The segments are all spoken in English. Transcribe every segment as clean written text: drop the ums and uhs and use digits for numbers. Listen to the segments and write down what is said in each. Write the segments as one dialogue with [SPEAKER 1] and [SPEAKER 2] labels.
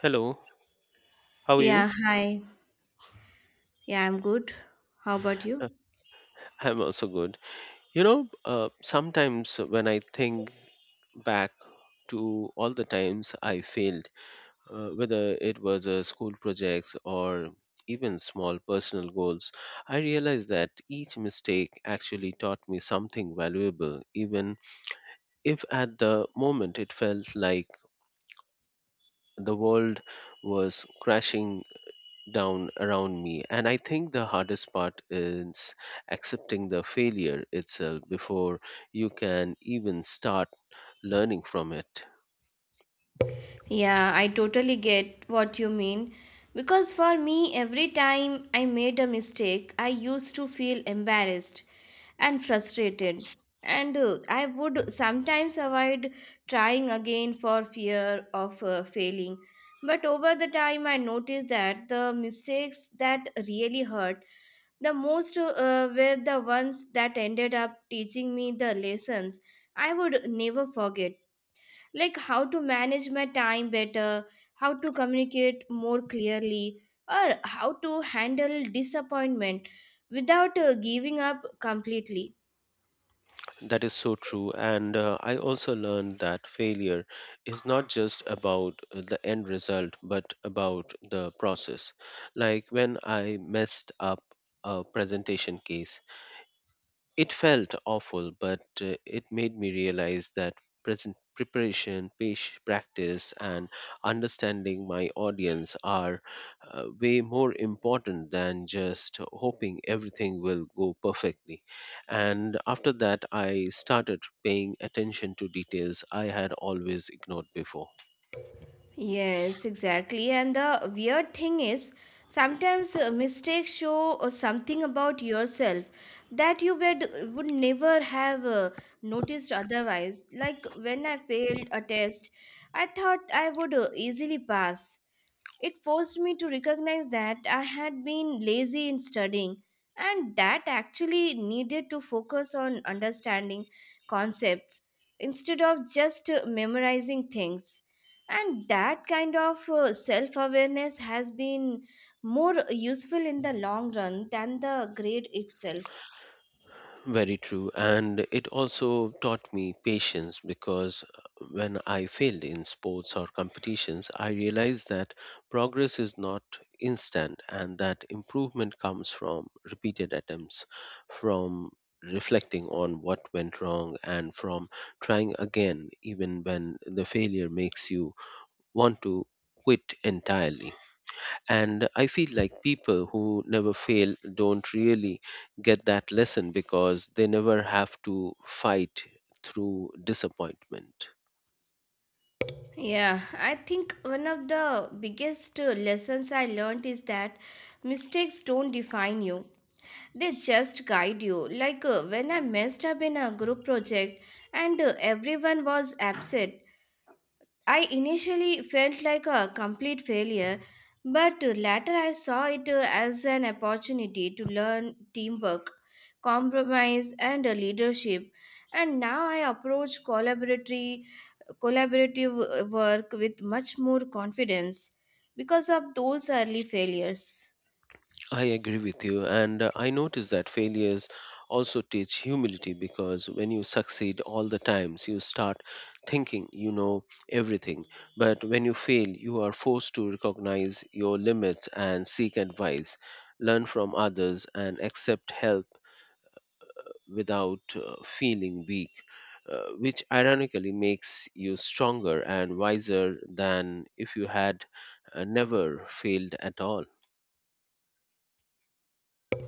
[SPEAKER 1] Hello, how are you?
[SPEAKER 2] Yeah, hi. Yeah, I'm good. How about you?
[SPEAKER 1] Uh, I'm also good. You know, sometimes when I think back to all the times I failed, whether it was school projects or even small personal goals, I realize that each mistake actually taught me something valuable, even if at the moment it felt like the world was crashing down around me. And I think the hardest part is accepting the failure itself before you can even start learning from it.
[SPEAKER 2] Yeah, I totally get what you mean. Because for me, every time I made a mistake, I used to feel embarrassed and frustrated. And I would sometimes avoid trying again for fear of failing. But over the time, I noticed that the mistakes that really hurt the most were the ones that ended up teaching me the lessons I would never forget, like how to manage my time better, how to communicate more clearly, or how to handle disappointment without giving up completely.
[SPEAKER 1] That is so true, and I also learned that failure is not just about the end result but about the process. Like when I messed up a presentation case, it felt awful, but it made me realize that present preparation, patient practice, and understanding my audience are way more important than just hoping everything will go perfectly. And after that, I started paying attention to details I had always ignored before.
[SPEAKER 2] Yes, exactly. And the weird thing is, sometimes mistakes show something about yourself that you would never have noticed otherwise. Like when I failed a test, I thought I would easily pass. It forced me to recognize that I had been lazy in studying and that actually needed to focus on understanding concepts instead of just memorizing things. And that kind of self awareness has been more useful in the long run than the grade itself.
[SPEAKER 1] Very true. And it also taught me patience because when I failed in sports or competitions, I realized that progress is not instant and that improvement comes from repeated attempts, from reflecting on what went wrong, and from trying again, even when the failure makes you want to quit entirely. And I feel like people who never fail don't really get that lesson because they never have to fight through disappointment.
[SPEAKER 2] Yeah, I think one of the biggest lessons I learned is that mistakes don't define you. They just guide you. Like when I messed up in a group project and everyone was upset, I initially felt like a complete failure, but later I saw it as an opportunity to learn teamwork, compromise, and leadership. And now I approach collaborative work with much more confidence because of those early failures.
[SPEAKER 1] I agree with you. And I notice that failures also teach humility because when you succeed all the times, you start thinking you know everything. But when you fail, you are forced to recognize your limits and seek advice, learn from others, and accept help without feeling weak, which ironically makes you stronger and wiser than if you had never failed at all.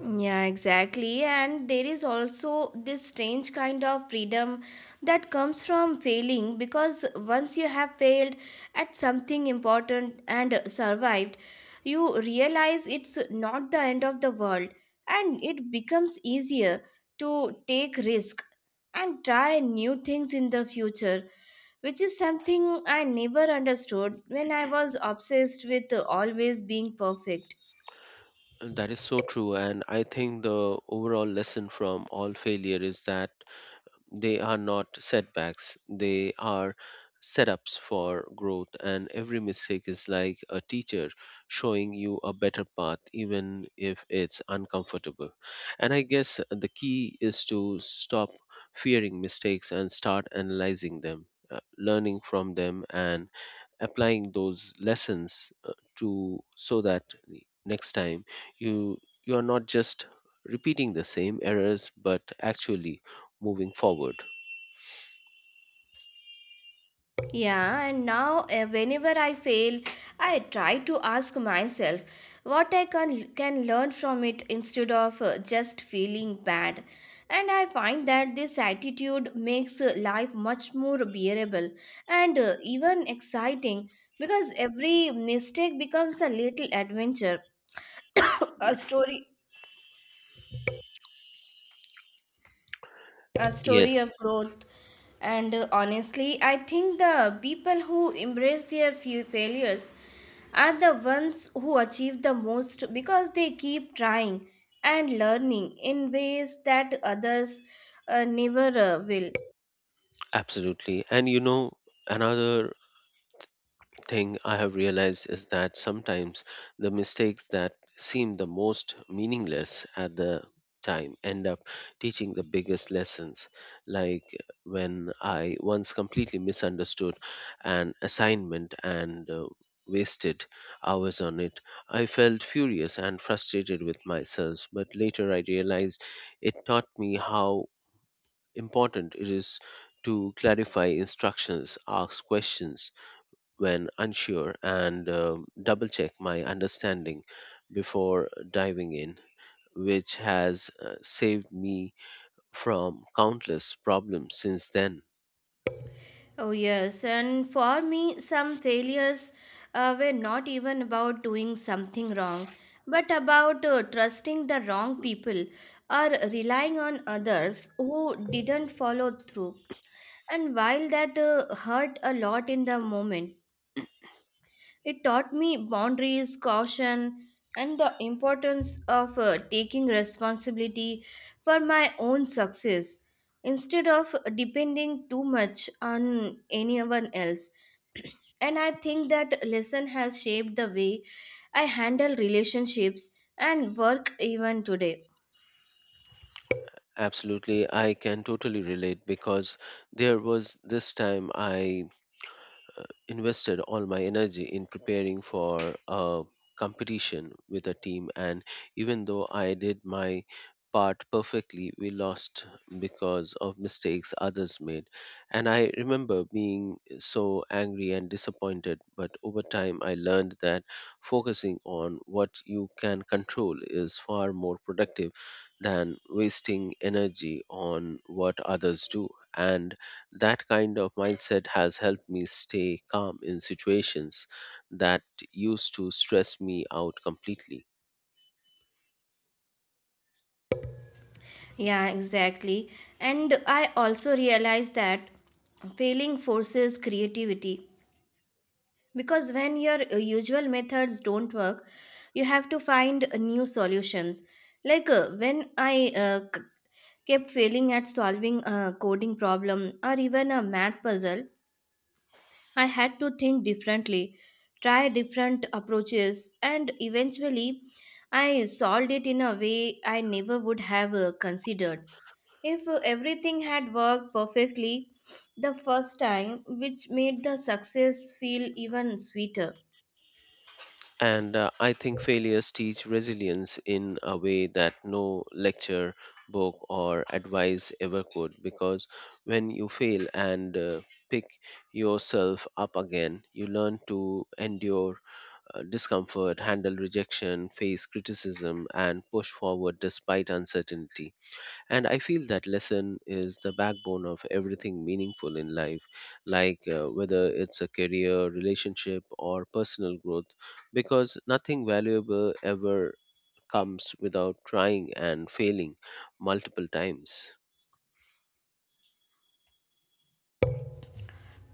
[SPEAKER 2] Yeah, exactly. And there is also this strange kind of freedom that comes from failing because once you have failed at something important and survived, you realize it's not the end of the world and it becomes easier to take risk and try new things in the future, which is something I never understood when I was obsessed with always being perfect.
[SPEAKER 1] And that is so true, and I think the overall lesson from all failure is that they are not setbacks, they are setups for growth, and every mistake is like a teacher showing you a better path, even if it's uncomfortable. And I guess the key is to stop fearing mistakes and start analyzing them, learning from them and applying those lessons to so that next time you you are not just repeating the same errors but actually moving forward.
[SPEAKER 2] Yeah, and now whenever I fail, I try to ask myself what I can learn from it instead of just feeling bad. And I find that this attitude makes life much more bearable and even exciting because every mistake becomes a little adventure, a story a
[SPEAKER 1] Yes,
[SPEAKER 2] story of growth. And honestly, I think the people who embrace their few failures are the ones who achieve the most because they keep trying and learning in ways that others never will.
[SPEAKER 1] absolutely. And you know, another thing I have realized is that sometimes the mistakes that seem the most meaningless at the time end up teaching the biggest lessons. Like when I once completely misunderstood an assignment and wasted hours on it, I felt furious and frustrated with myself. But later I realized it taught me how important it is to clarify instructions, ask questions when unsure, and double check my understanding before diving in, which has saved me from countless problems since then.
[SPEAKER 2] Oh, yes. And for me, some failures were not even about doing something wrong, but about trusting the wrong people or relying on others who didn't follow through. And while that hurt a lot in the moment, it taught me boundaries, caution, and the importance of taking responsibility for my own success instead of depending too much on anyone else. And I think that lesson has shaped the way I handle relationships and work even today.
[SPEAKER 1] Absolutely, I can totally relate because there was this time I invested all my energy in preparing for a competition with a team, and even though I did my part perfectly, we lost because of mistakes others made. And I remember being so angry and disappointed, but over time, I learned that focusing on what you can control is far more productive than wasting energy on what others do. And that kind of mindset has helped me stay calm in situations that used to stress me out completely.
[SPEAKER 2] Yeah, exactly. And I also realized that failing forces creativity because when your usual methods don't work, you have to find new solutions. Like when I kept failing at solving a coding problem or even a math puzzle, I had to think differently, try different approaches, and eventually I solved it in a way I never would have considered. If everything had worked perfectly the first time, which made the success feel even sweeter.
[SPEAKER 1] And I think failures teach resilience in a way that no lecture, book, or advice ever could, because when you fail and pick yourself up again, you learn to endure discomfort, handle rejection, face criticism, and push forward despite uncertainty. And I feel that lesson is the backbone of everything meaningful in life, like whether it's a career, relationship, or personal growth, because nothing valuable ever comes without trying and failing multiple times.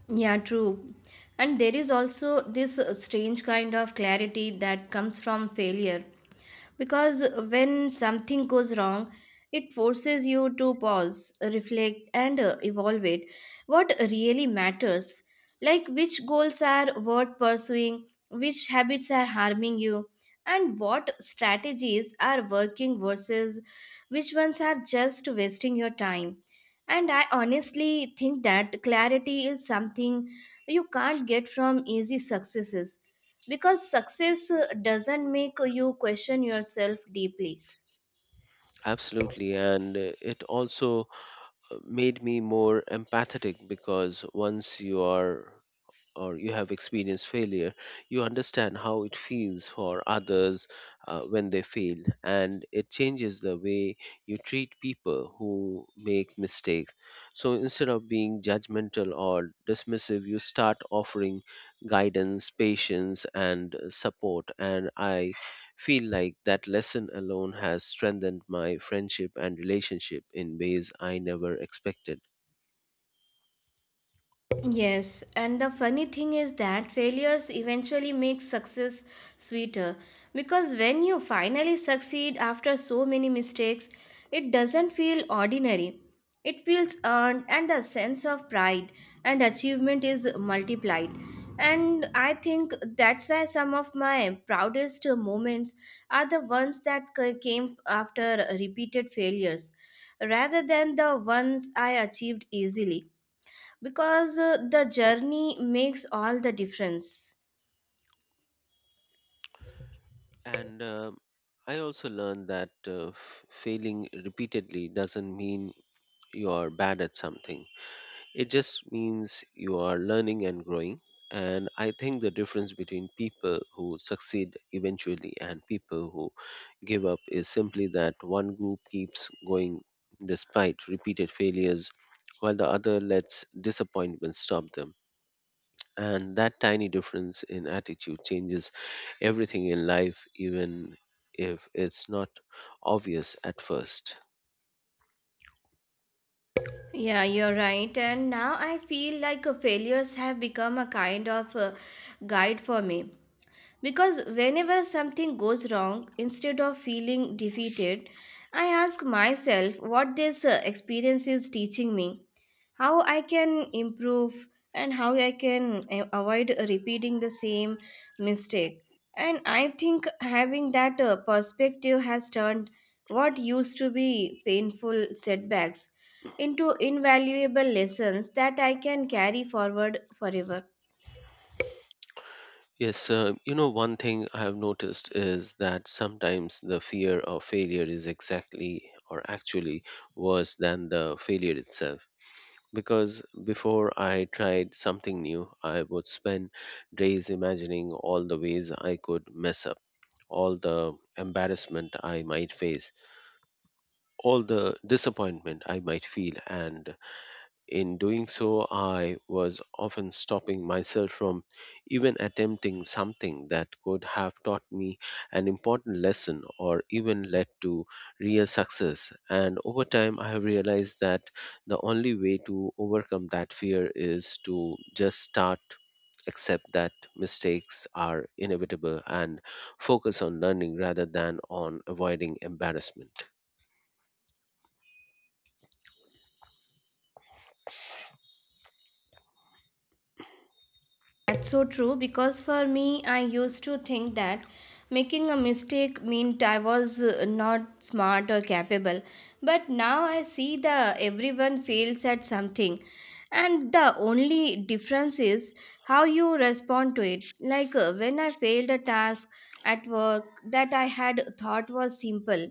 [SPEAKER 2] Yeah, true. And there is also this strange kind of clarity that comes from failure. Because when something goes wrong, it forces you to pause, reflect, and evaluate what really matters. Like which goals are worth pursuing, which habits are harming you, and what strategies are working versus which ones are just wasting your time. And I honestly think that clarity is something you can't get from easy successes because success doesn't make you question yourself deeply.
[SPEAKER 1] Absolutely, and it also made me more empathetic because once you are or you have experienced failure, you understand how it feels for others when they fail, and it changes the way you treat people who make mistakes. So instead of being judgmental or dismissive, you start offering guidance, patience, and support. And I feel like that lesson alone has strengthened my friendship and relationship in ways I never expected.
[SPEAKER 2] Yes, and the funny thing is that failures eventually make success sweeter because when you finally succeed after so many mistakes, it doesn't feel ordinary. It feels earned, and the sense of pride and achievement is multiplied. And I think that's why some of my proudest moments are the ones that came after repeated failures rather than the ones I achieved easily because the journey makes all the difference.
[SPEAKER 1] And I also learned that failing repeatedly doesn't mean you are bad at something. It just means you are learning and growing. And I think the difference between people who succeed eventually and people who give up is simply that one group keeps going despite repeated failures while the other lets disappointment stop them. And that tiny difference in attitude changes everything in life, even if it's not obvious at first.
[SPEAKER 2] Yeah, you're right. And now I feel like failures have become a kind of guide for me. Because whenever something goes wrong, instead of feeling defeated, I ask myself what this experience is teaching me, how I can improve, and how I can avoid repeating the same mistake. And I think having that perspective has turned what used to be painful setbacks into invaluable lessons that I can carry forward forever.
[SPEAKER 1] Yes, you know, one thing I have noticed is that sometimes the fear of failure is exactly or actually worse than the failure itself because before I tried something new, I would spend days imagining all the ways I could mess up, all the embarrassment I might face, all the disappointment I might feel, and in doing so, I was often stopping myself from even attempting something that could have taught me an important lesson or even led to real success. And over time, I have realized that the only way to overcome that fear is to just start, accept that mistakes are inevitable, and focus on learning rather than on avoiding embarrassment.
[SPEAKER 2] That's so true because for me, I used to think that making a mistake meant I was not smart or capable. But now I see that everyone fails at something, and the only difference is how you respond to it. Like when I failed a task at work that I had thought was simple,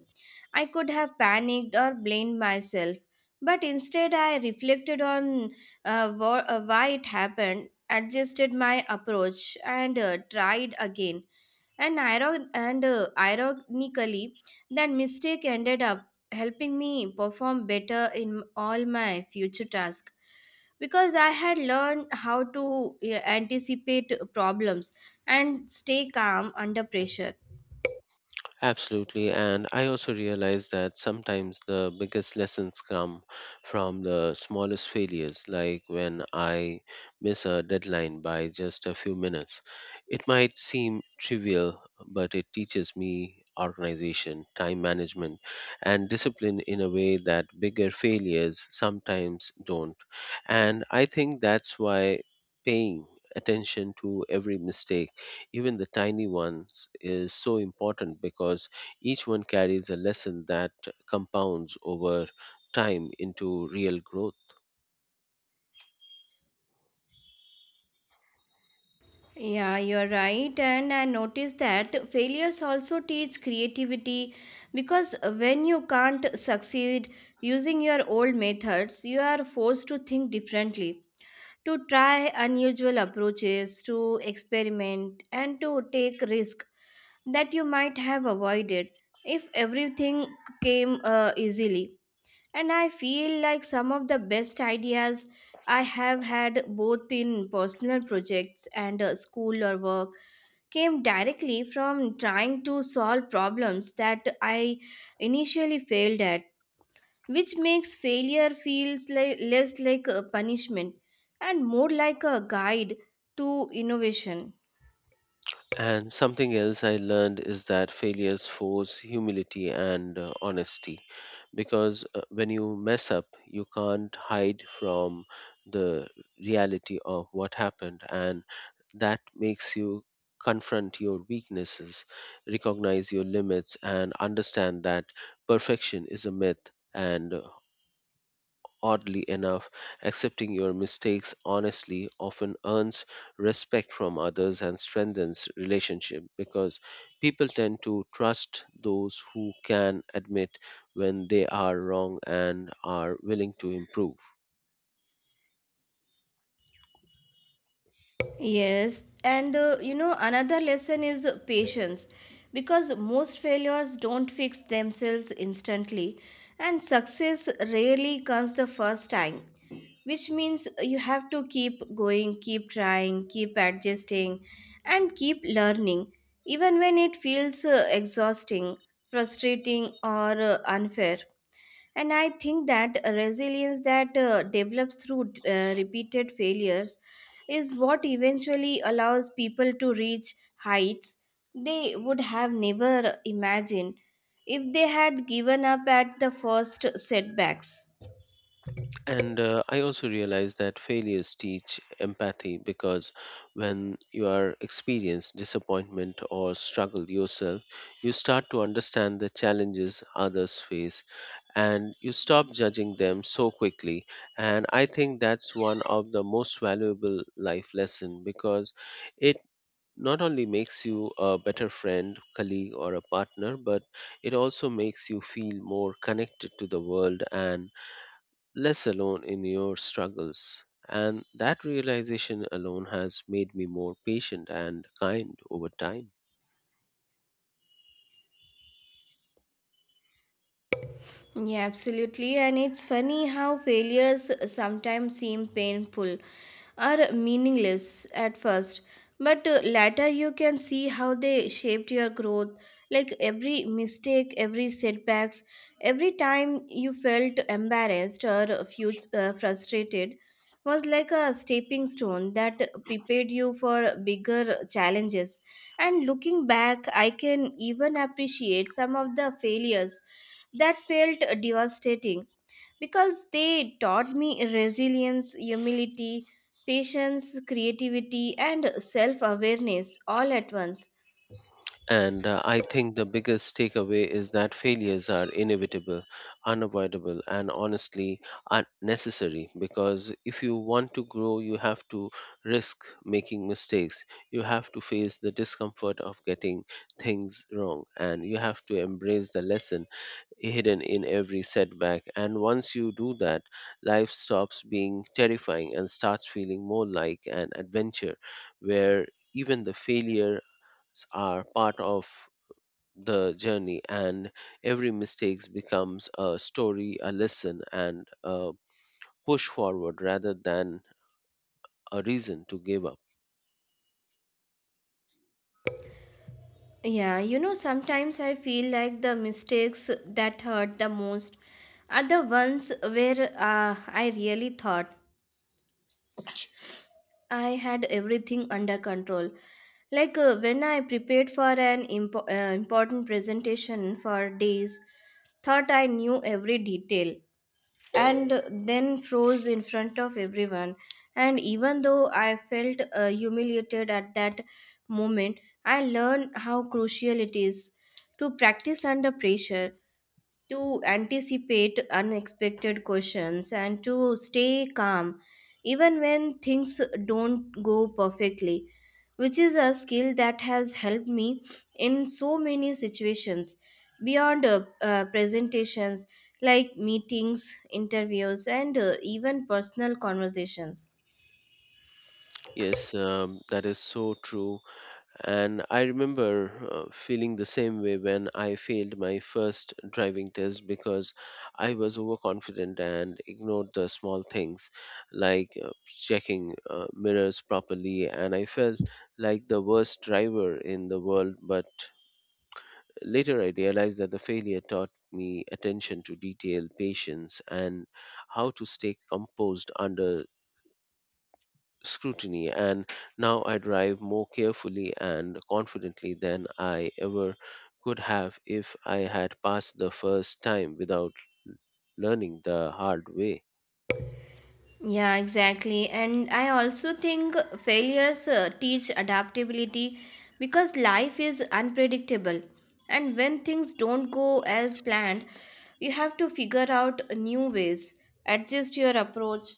[SPEAKER 2] I could have panicked or blamed myself. But instead, I reflected on why it happened, adjusted my approach, and tried again, and ironically that mistake ended up helping me perform better in all my future tasks because I had learned how to anticipate problems and stay calm under pressure.
[SPEAKER 1] Absolutely. And I also realize that sometimes the biggest lessons come from the smallest failures, like when I miss a deadline by just a few minutes. It might seem trivial, but it teaches me organization, time management, and discipline in a way that bigger failures sometimes don't. And I think that's why paying attention to every mistake, even the tiny ones, is so important because each one carries a lesson that compounds over time into real growth.
[SPEAKER 2] Yeah, you're right. And I noticed that failures also teach creativity because when you can't succeed using your old methods, you are forced to think differently, to try unusual approaches, to experiment, and to take risk that you might have avoided if everything came easily. And I feel like some of the best ideas I have had both in personal projects and school or work came directly from trying to solve problems that I initially failed at, which makes failure feels like, less like a punishment and more like a guide to innovation.
[SPEAKER 1] And something else I learned is that failures force humility and honesty because when you mess up, you can't hide from the reality of what happened, and that makes you confront your weaknesses, recognize your limits, and understand that perfection is a myth, and oddly enough, accepting your mistakes honestly often earns respect from others and strengthens relationship because people tend to trust those who can admit when they are wrong and are willing to improve.
[SPEAKER 2] Yes, and you know, another lesson is patience because most failures don't fix themselves instantly, and success rarely comes the first time, which means you have to keep going, keep trying, keep adjusting, and keep learning, even when it feels exhausting, frustrating, or unfair. And I think that resilience that develops through repeated failures is what eventually allows people to reach heights they would have never imagined if they had given up at the first setbacks.
[SPEAKER 1] And I also realize that failures teach empathy because when you are experience disappointment or struggle yourself, you start to understand the challenges others face and you stop judging them so quickly. And I think that's one of the most valuable life lesson because it not only makes you a better friend, colleague, or a partner, but it also makes you feel more connected to the world and less alone in your struggles. And that realization alone has made me more patient and kind over time.
[SPEAKER 2] Yeah, absolutely. And it's funny how failures sometimes seem painful or meaningless at first, but later you can see how they shaped your growth. Like every mistake, every setbacks, every time you felt embarrassed or frustrated was like a stepping stone that prepared you for bigger challenges. And looking back, I can even appreciate some of the failures that felt devastating because they taught me resilience, humility, patience, creativity, and self awareness all at once.
[SPEAKER 1] And I think the biggest takeaway is that failures are inevitable, unavoidable, and honestly unnecessary because if you want to grow, you have to risk making mistakes. You have to face the discomfort of getting things wrong, and you have to embrace the lesson hidden in every setback. And once you do that, life stops being terrifying and starts feeling more like an adventure where even the failures are part of the journey, and every mistake becomes a story, a lesson, and a push forward rather than a reason to give up.
[SPEAKER 2] Yeah, you know, sometimes I feel like the mistakes that hurt the most are the ones where I really thought I had everything under control. Like when I prepared for an important presentation for days, thought I knew every detail and then froze in front of everyone. And even though I felt humiliated at that moment, I learned how crucial it is to practice under pressure, to anticipate unexpected questions, and to stay calm even when things don't go perfectly, which is a skill that has helped me in so many situations beyond presentations, like meetings, interviews, and even personal conversations.
[SPEAKER 1] Yes, that is so true. And I remember feeling the same way when I failed my first driving test because I was overconfident and ignored the small things like checking mirrors properly. And I felt like the worst driver in the world. But later I realized that the failure taught me attention to detail, patience, and how to stay composed under scrutiny, and now I drive more carefully and confidently than I ever could have if I had passed the first time without learning the hard way.
[SPEAKER 2] Yeah, exactly. And I also think failures teach adaptability because life is unpredictable. And when things don't go as planned, you have to figure out new ways, adjust your approach,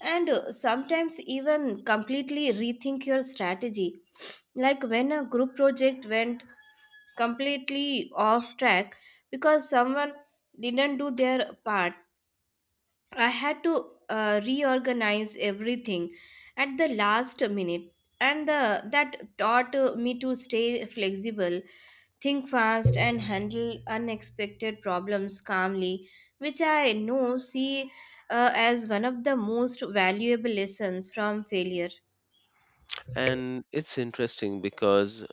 [SPEAKER 2] and sometimes even completely rethink your strategy. Like when a group project went completely off track because someone didn't do their part, I had to reorganize everything at the last minute, and that taught me to stay flexible, think fast, and handle unexpected problems calmly, which I know see as one of the most valuable lessons from failure.
[SPEAKER 1] And it's interesting because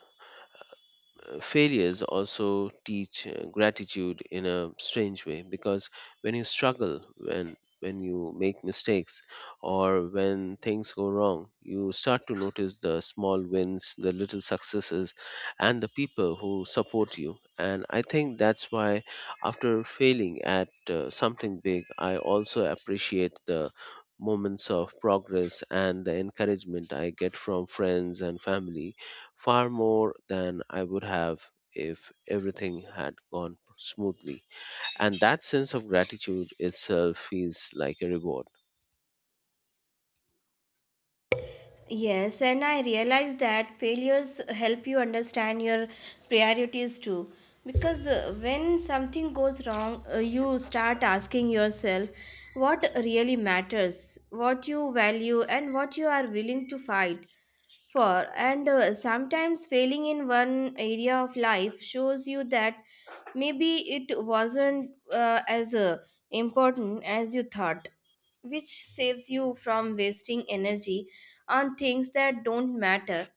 [SPEAKER 1] failures also teach gratitude in a strange way because when you struggle, when you make mistakes or when things go wrong, you start to notice the small wins, the little successes, and the people who support you. And I think that's why after failing at something big, I also appreciate the moments of progress and the encouragement I get from friends and family far more than I would have if everything had gone smoothly. And that sense of gratitude itself feels like a reward.
[SPEAKER 2] Yes, and I realize that failures help you understand your priorities too. Because when something goes wrong, you start asking yourself what really matters, what you value, and what you are willing to fight for. And sometimes failing in one area of life shows you that maybe it wasn't as important as you thought, which saves you from wasting energy on things that don't matter.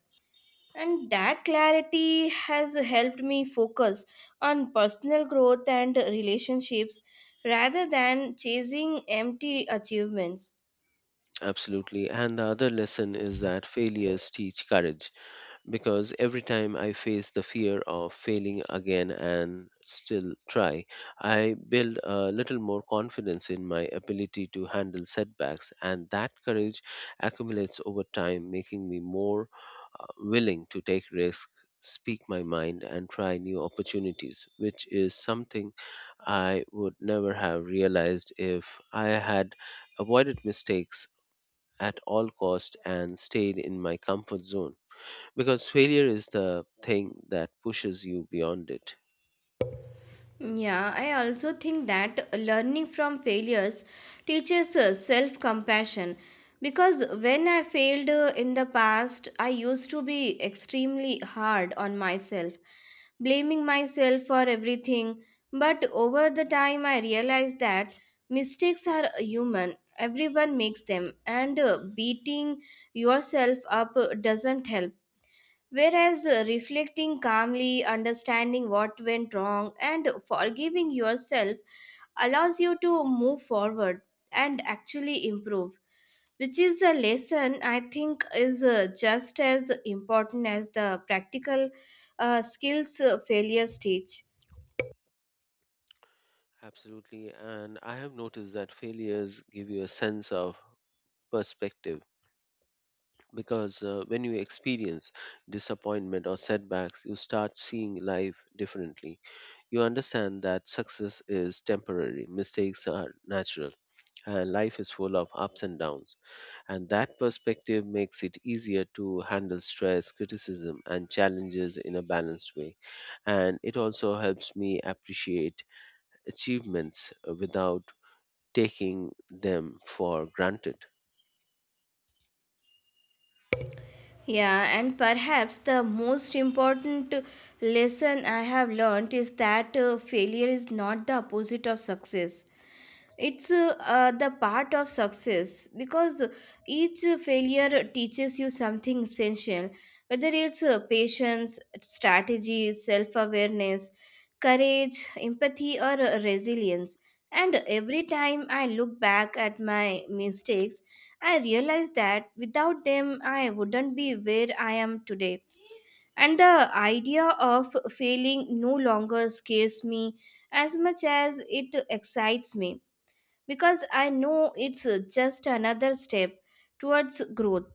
[SPEAKER 2] And that clarity has helped me focus on personal growth and relationships rather than chasing empty achievements.
[SPEAKER 1] Absolutely. And the other lesson is that failures teach courage because every time I face the fear of failing again and still try, I build a little more confidence in my ability to handle setbacks. And that courage accumulates over time, making me more willing to take risks, speak my mind, and try new opportunities, which is something I would never have realized if I had avoided mistakes at all cost and stayed in my comfort zone, because failure is the thing that pushes you beyond it.
[SPEAKER 2] Yeah, I also think that learning from failures teaches self compassion because when I failed in the past, I used to be extremely hard on myself, blaming myself for everything. But over the time, I realized that mistakes are human, everyone makes them, and beating yourself up doesn't help. Whereas reflecting calmly, understanding what went wrong, and forgiving yourself allows you to move forward and actually improve, which is a lesson I think is just as important as the practical skills failures teach.
[SPEAKER 1] Absolutely, and I have noticed that failures give you a sense of perspective because when you experience disappointment or setbacks, you start seeing life differently. You understand that success is temporary, mistakes are natural, and life is full of ups and downs. And that perspective makes it easier to handle stress, criticism, and challenges in a balanced way. And it also helps me appreciate achievements without taking them for granted.
[SPEAKER 2] Yeah, and perhaps the most important lesson I have learned is that failure is not the opposite of success. It's the part of success because each failure teaches you something essential, whether it's patience, strategy, self awareness, courage, empathy, or resilience. And every time I look back at my mistakes, I realized that without them, I wouldn't be where I am today. And the idea of failing no longer scares me as much as it excites me because I know it's just another step towards growth.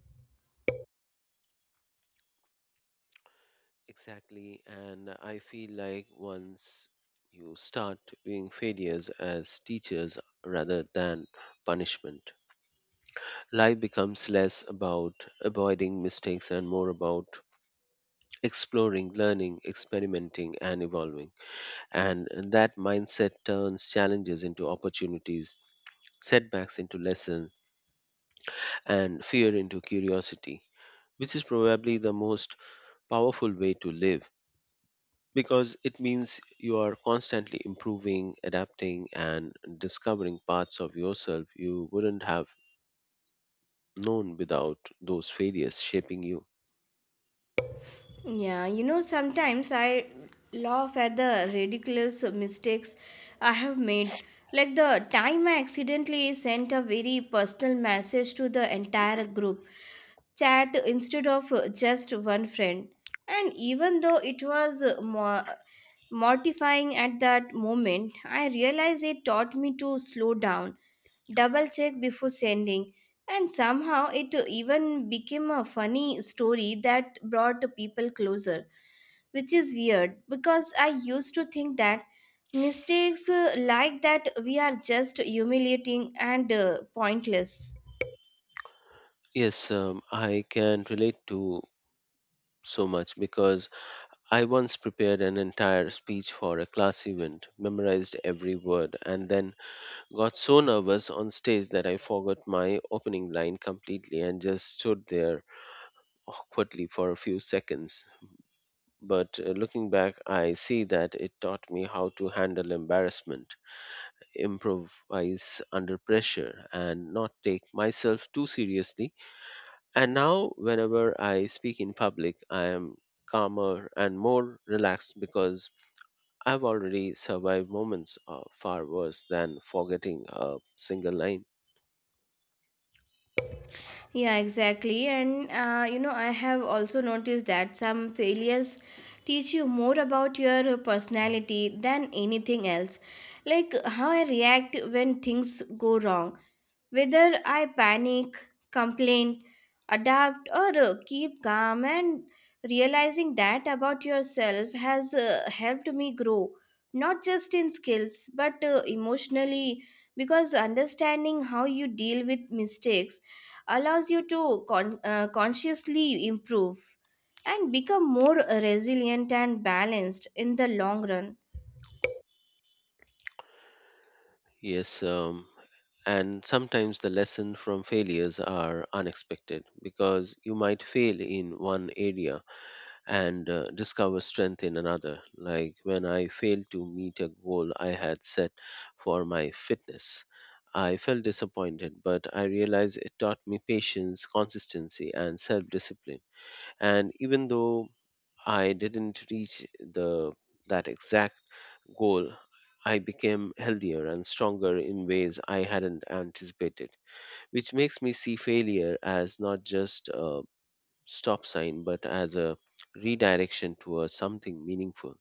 [SPEAKER 1] Exactly. And I feel like once you start viewing failures as teachers rather than punishment, life becomes less about avoiding mistakes and more about exploring, learning, experimenting, and evolving. And that mindset turns challenges into opportunities, setbacks into lessons, and fear into curiosity, which is probably the most powerful way to live because it means you are constantly improving, adapting, and discovering parts of yourself you wouldn't have known without those failures shaping you.
[SPEAKER 2] Yeah, you know, sometimes I laugh at the ridiculous mistakes I have made. Like the time I accidentally sent a very personal message to the entire group chat instead of just one friend. And even though it was mortifying at that moment, I realized it taught me to slow down, double check before sending. And somehow it even became a funny story that brought people closer, which is weird because I used to think that mistakes like that we are just humiliating and pointless.
[SPEAKER 1] Yes, I can relate to so much because I once prepared an entire speech for a class event, memorized every word, and then got so nervous on stage that I forgot my opening line completely and just stood there awkwardly for a few seconds. But looking back, I see that it taught me how to handle embarrassment, improvise under pressure, and not take myself too seriously. And now, whenever I speak in public, I am calmer and more relaxed because I've already survived moments far worse than forgetting a single line.
[SPEAKER 2] Yeah, exactly. And you know, I have also noticed that some failures teach you more about your personality than anything else. Like how I react when things go wrong, whether I panic, complain, adapt, or keep calm, and realizing that about yourself has helped me grow, not just in skills but emotionally, because understanding how you deal with mistakes allows you to consciously improve and become more resilient and balanced in the long run.
[SPEAKER 1] Yes, and sometimes the lesson from failures are unexpected because you might fail in one area and discover strength in another, like when I failed to meet a goal I had set for my fitness. I felt disappointed, but I realized it taught me patience, consistency, and self discipline. And even though I didn't reach the that exact goal, I became healthier and stronger in ways I hadn't anticipated, which makes me see failure as not just stop sign, but as a redirection towards something meaningful.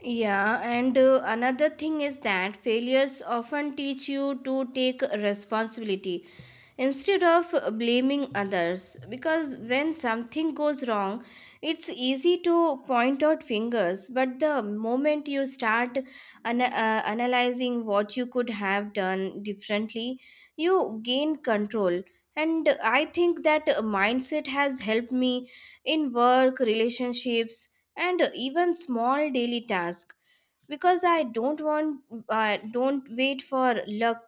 [SPEAKER 2] Yeah, and another thing is that failures often teach you to take responsibility instead of blaming others. Because when something goes wrong, it's easy to point out fingers, but the moment you start analyzing what you could have done differently, you gain control. And I think that mindset has helped me in work, relationships and even small daily tasks because I don't wait for luck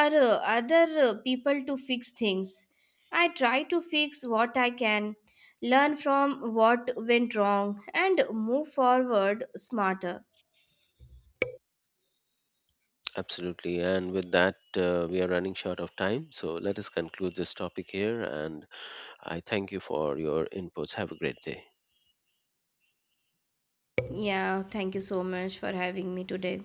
[SPEAKER 2] or other people to fix things. I try to fix what I can, learn from what went wrong, and move forward smarter.
[SPEAKER 1] Absolutely. And with that, we are running short of time. So let us conclude this topic here. And I thank you for your inputs. Have a great day.
[SPEAKER 2] Yeah, thank you so much for having me today.